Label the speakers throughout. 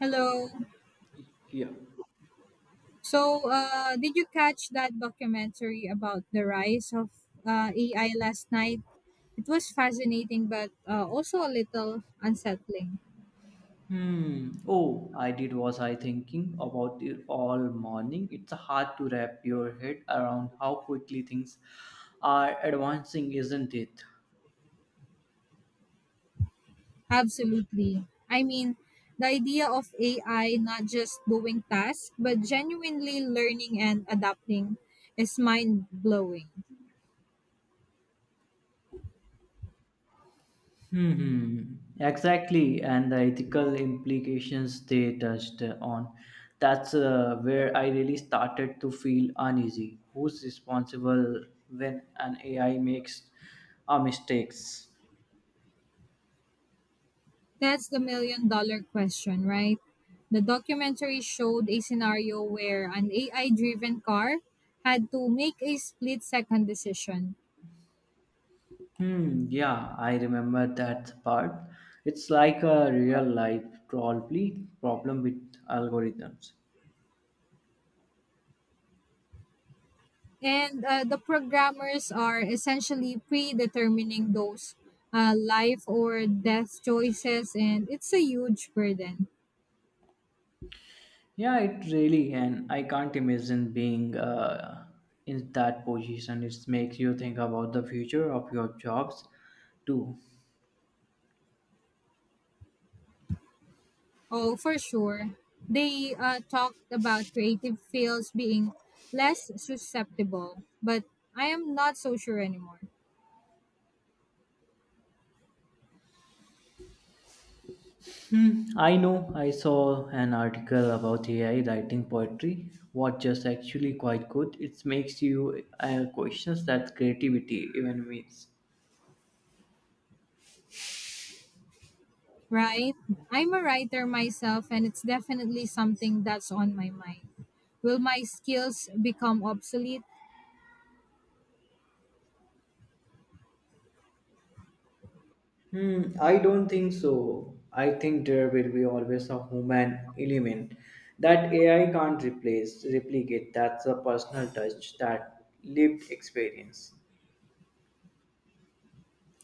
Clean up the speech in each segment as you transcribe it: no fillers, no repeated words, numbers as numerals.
Speaker 1: Hello.
Speaker 2: Yeah.
Speaker 1: So, did you catch that documentary about the rise of AI last night? It was fascinating, but also a little unsettling.
Speaker 2: Hmm. Oh, I did. Was I thinking about it all morning. It's hard to wrap your head around how quickly things are advancing, isn't it?
Speaker 1: Absolutely. I mean, the idea of AI not just doing tasks, but genuinely learning and adapting is mind blowing.
Speaker 2: Hmm. Exactly, and the ethical implications they touched on. That's where I really started to feel uneasy. Who's responsible when an AI makes mistakes?
Speaker 1: That's the million dollar question, right? The documentary showed a scenario where an AI driven car had to make a split second decision.
Speaker 2: Hmm, yeah, I remember that part. It's like a real life probably problem with algorithms.
Speaker 1: And the programmers are essentially predetermining those life or death choices, and it's a huge burden.
Speaker 2: Yeah, it really, and I can't imagine being in that position. It makes you think about the future of your jobs too.
Speaker 1: Oh, for sure. They talked about creative fields being less susceptible, but I am not so sure anymore.
Speaker 2: Hmm, I know. I saw an article about AI writing poetry, what just actually quite good. It makes you questions that creativity even means.
Speaker 1: Right? I'm a writer myself, and it's definitely something that's on my mind. Will my skills become obsolete?
Speaker 2: Hmm, I don't think so. I think there will be always a human element that AI can't replicate. That's a personal touch, that lived experience.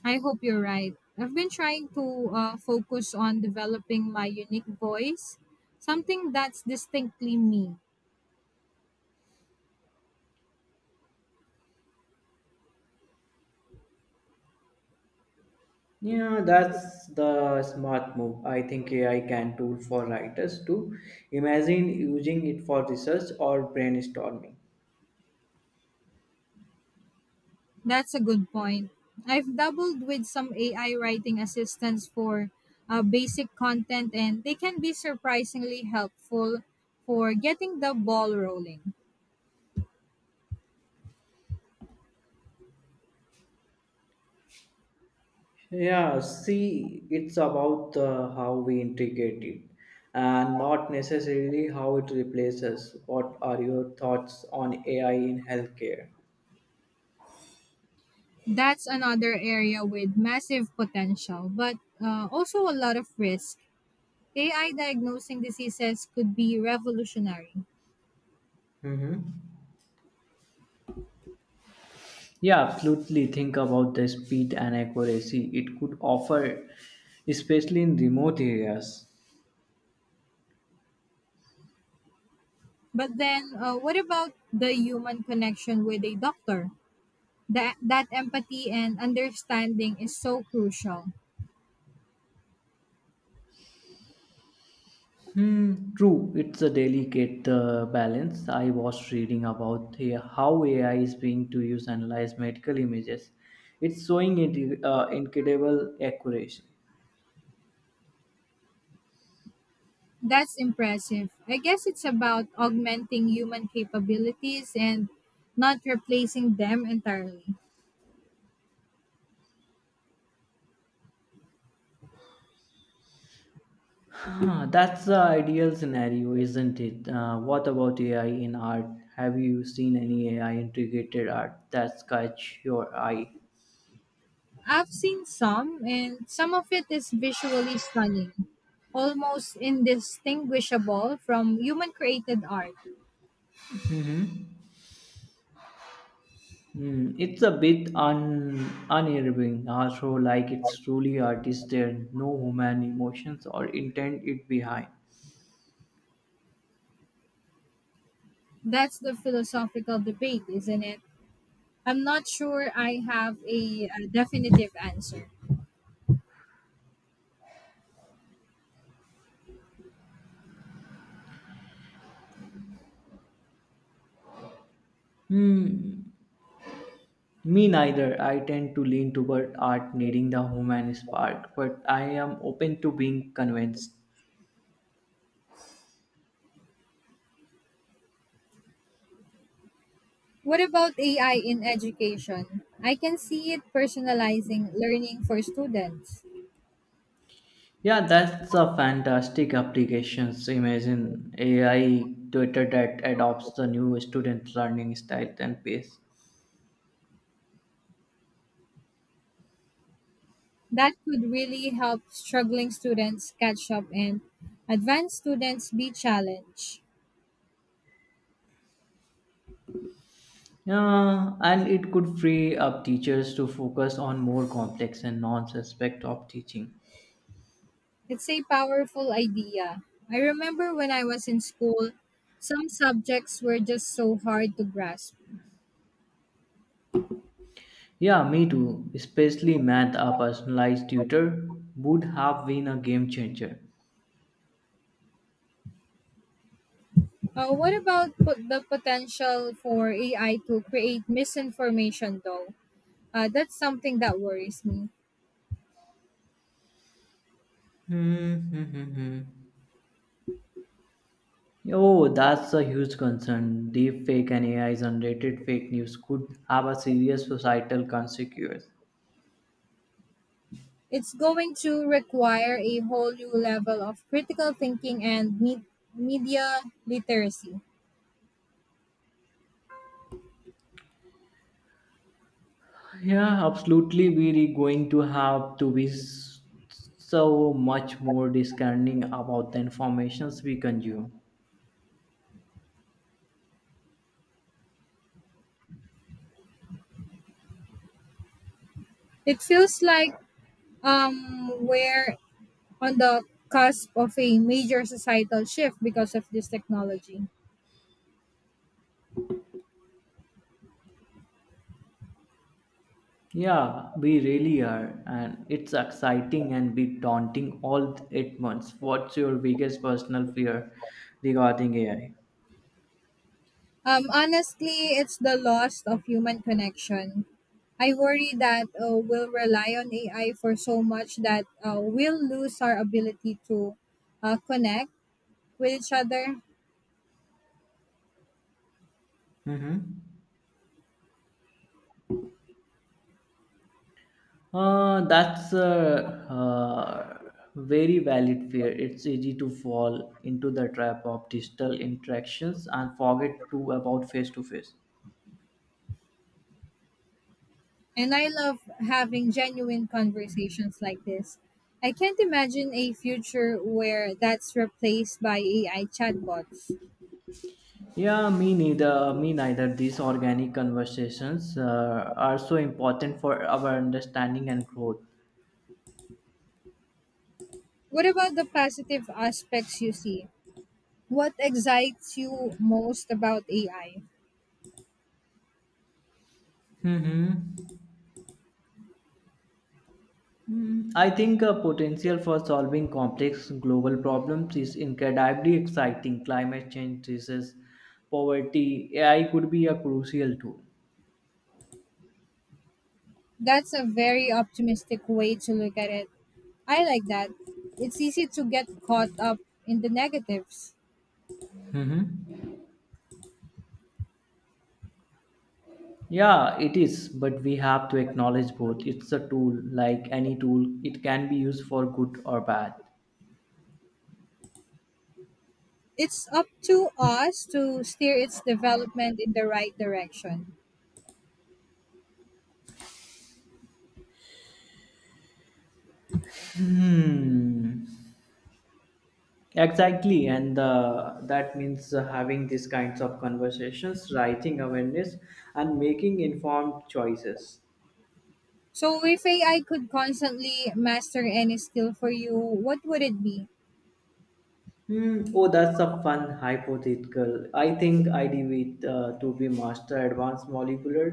Speaker 1: I hope you're right. I've been trying to focus on developing my unique voice, something that's distinctly me.
Speaker 2: Yeah, that's the smart move. I think AI can tool for writers to imagine using it for research or brainstorming.
Speaker 1: That's a good point. I've doubled with some AI writing assistants for basic content, and they can be surprisingly helpful for getting the ball rolling.
Speaker 2: Yeah, see, it's about how we integrate it and not necessarily how it replaces. What are your thoughts on AI in healthcare?
Speaker 1: That's another area with massive potential, but also a lot of risk. AI diagnosing diseases could be revolutionary.
Speaker 2: Mm-hmm. Yeah, absolutely. Think about the speed and accuracy it could offer, especially in remote areas.
Speaker 1: But then, what about the human connection with a doctor? That empathy and understanding is so crucial.
Speaker 2: Hmm, true, it's a delicate balance. I was reading about how AI is being to use analyze medical images. It's showing it, incredible accuracy.
Speaker 1: That's impressive. I guess it's about augmenting human capabilities and not replacing them entirely.
Speaker 2: Huh, that's the ideal scenario, isn't it? What about AI in art? Have you seen any AI integrated art that's catch your eye?
Speaker 1: I've seen some, and some of it is visually stunning, almost indistinguishable from human created art.
Speaker 2: Hmm, it's a bit un unnerving, also like it's truly artist there, no human emotions or intent it behind.
Speaker 1: That's the philosophical debate, isn't it? I'm not sure I have a definitive answer.
Speaker 2: Hmm, me neither. I tend to lean toward art needing the human spark, but I am open to being convinced.
Speaker 1: What about AI in education? I can see it personalizing learning for students.
Speaker 2: Yeah, that's a fantastic applications. Imagine AI tutor that adopts the new student learning style and pace.
Speaker 1: That could really help struggling students catch up and advanced students be challenged.
Speaker 2: Yeah, and it could free up teachers to focus on more complex and non-suspect of teaching.
Speaker 1: It's a powerful idea. I remember when I was in school, some subjects were just so hard to grasp.
Speaker 2: Yeah, me too. Especially math, a personalized tutor would have been a game changer.
Speaker 1: What about the potential for AI to create misinformation, though? That's something that worries me.
Speaker 2: Hmm. Oh, that's a huge concern. Deep fake and AI generated fake news could have a serious societal consequence.
Speaker 1: It's going to require a whole new level of critical thinking and media literacy.
Speaker 2: Yeah, absolutely. We're going to have to be so much more discerning about the informations we consume.
Speaker 1: It feels like we're on the cusp of a major societal shift because of this technology.
Speaker 2: Yeah, we really are, and it's exciting and bit daunting all at once. What's your biggest personal fear regarding AI?
Speaker 1: Honestly, it's the loss of human connection. I worry that we'll rely on AI for so much that we'll lose our ability to connect with each other.
Speaker 2: Mm-hmm. That's a very valid fear. It's easy to fall into the trap of digital interactions and forget to about face to face.
Speaker 1: And I love having genuine conversations like this. I can't imagine a future where that's replaced by AI chatbots.
Speaker 2: Yeah, me neither. Me neither. These organic conversations are so important for our understanding and growth.
Speaker 1: What about the positive aspects you see? What excites you most about AI?
Speaker 2: Mm-hmm. I think potential for solving complex global problems is incredibly exciting. Climate change, disease, poverty, AI could be a crucial tool.
Speaker 1: That's a very optimistic way to look at it. I like that. It's easy to get caught up in the negatives.
Speaker 2: Mm-hmm. Yeah, it is, but we have to acknowledge both. It's a tool, like any tool, it can be used for good or bad.
Speaker 1: It's up to us to steer its development in the right direction.
Speaker 2: Hmm. Exactly, and that means having these kinds of conversations, writing awareness, and making informed choices.
Speaker 1: So, if AI could constantly master any skill for you, what would it be?
Speaker 2: Hmm. Oh, that's a fun hypothetical. I think IDV to be master advanced molecular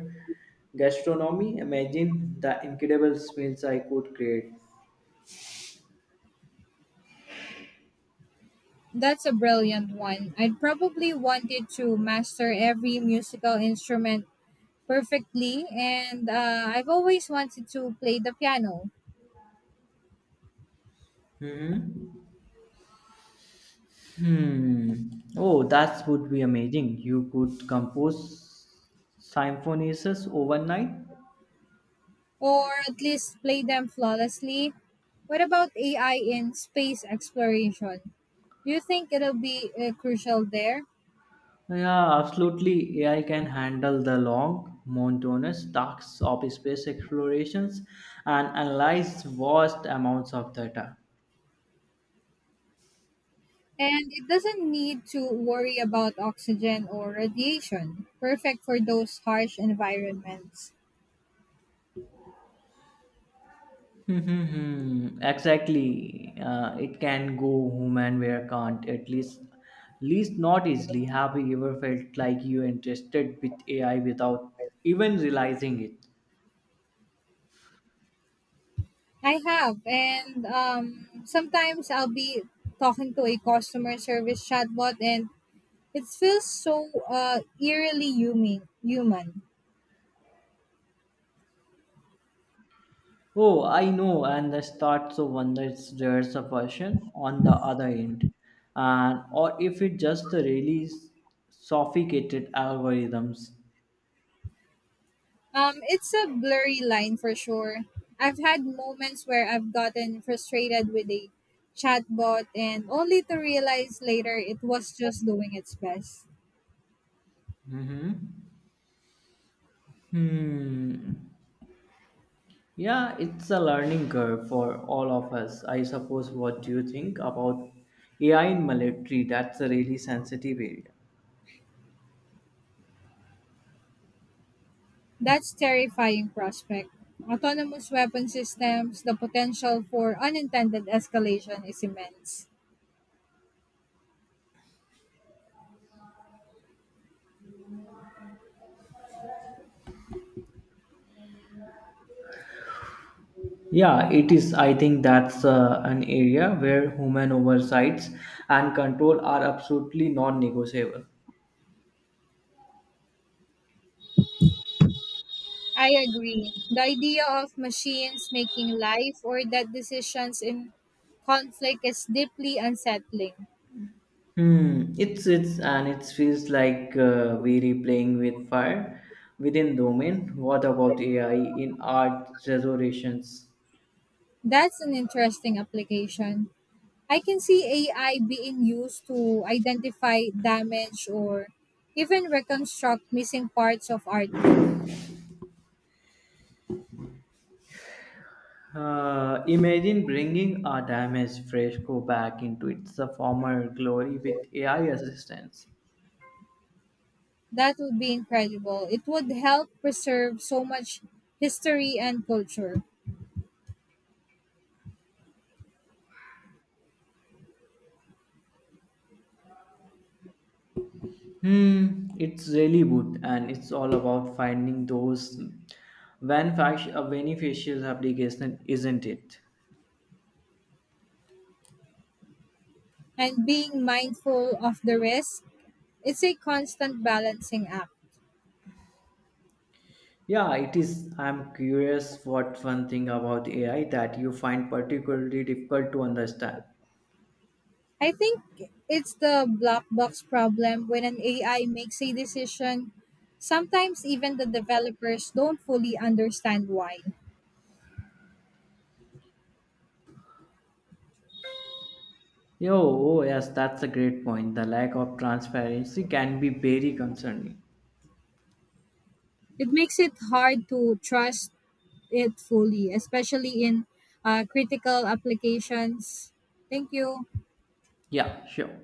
Speaker 2: gastronomy. Imagine the incredible smells I could create.
Speaker 1: That's a brilliant one. I'd probably want it to master every musical instrument perfectly, and I've always wanted to play the piano.
Speaker 2: hmm Hmm. Oh, that would be amazing. You could compose symphonies overnight.
Speaker 1: Or at least play them flawlessly. What about AI in space exploration? Do you think it'll be crucial there?
Speaker 2: Yeah, absolutely. AI can handle the long, monotonous tasks of space explorations and analyze vast amounts of data.
Speaker 1: And it doesn't need to worry about oxygen or radiation. Perfect for those harsh environments.
Speaker 2: Hmm. Exactly. It can go human where can't, at least not easily. Have you ever felt like you interested with AI without even realizing it?
Speaker 1: I have, and sometimes I'll be talking to a customer service chatbot, and it feels so eerily human. Human.
Speaker 2: Oh, I know, and the starts of wonders there's a version on the other end, and or if it just the really sophisticated algorithms.
Speaker 1: It's a blurry line for sure. I've had moments where I've gotten frustrated with a chatbot and only to realize later it was just doing its best.
Speaker 2: Hmm. Hmm. Yeah, it's a learning curve for all of us, I suppose. What do you think about AI in military? That's a really sensitive area.
Speaker 1: That's terrifying prospect. Autonomous weapon systems, the potential for unintended escalation is immense.
Speaker 2: Yeah, it is. I think that's an area where human oversights and control are absolutely non-negotiable.
Speaker 1: I agree. The idea of machines making life or death decisions in conflict is deeply unsettling.
Speaker 2: Hmm. It's and it feels like we're playing with fire within domain. What about AI in art restorations?
Speaker 1: That's an interesting application. I can see AI being used to identify damage or even reconstruct missing parts of artwork.
Speaker 2: Imagine bringing a damaged fresco back into its former glory with AI assistance.
Speaker 1: That would be incredible. It would help preserve so much history and culture.
Speaker 2: Hmm, it's really good, and it's all about finding those beneficial application, isn't it?
Speaker 1: And being mindful of the risk, it's a constant balancing act.
Speaker 2: Yeah, it is. I'm curious what one thing about AI that you find particularly difficult to understand.
Speaker 1: I think it's the black box problem when an AI makes a decision. Sometimes even the developers don't fully understand why.
Speaker 2: Yo, oh yes, that's a great point. The lack of transparency can be very concerning.
Speaker 1: It makes it hard to trust it fully, especially in critical applications. Thank you.
Speaker 2: Yeah, sure.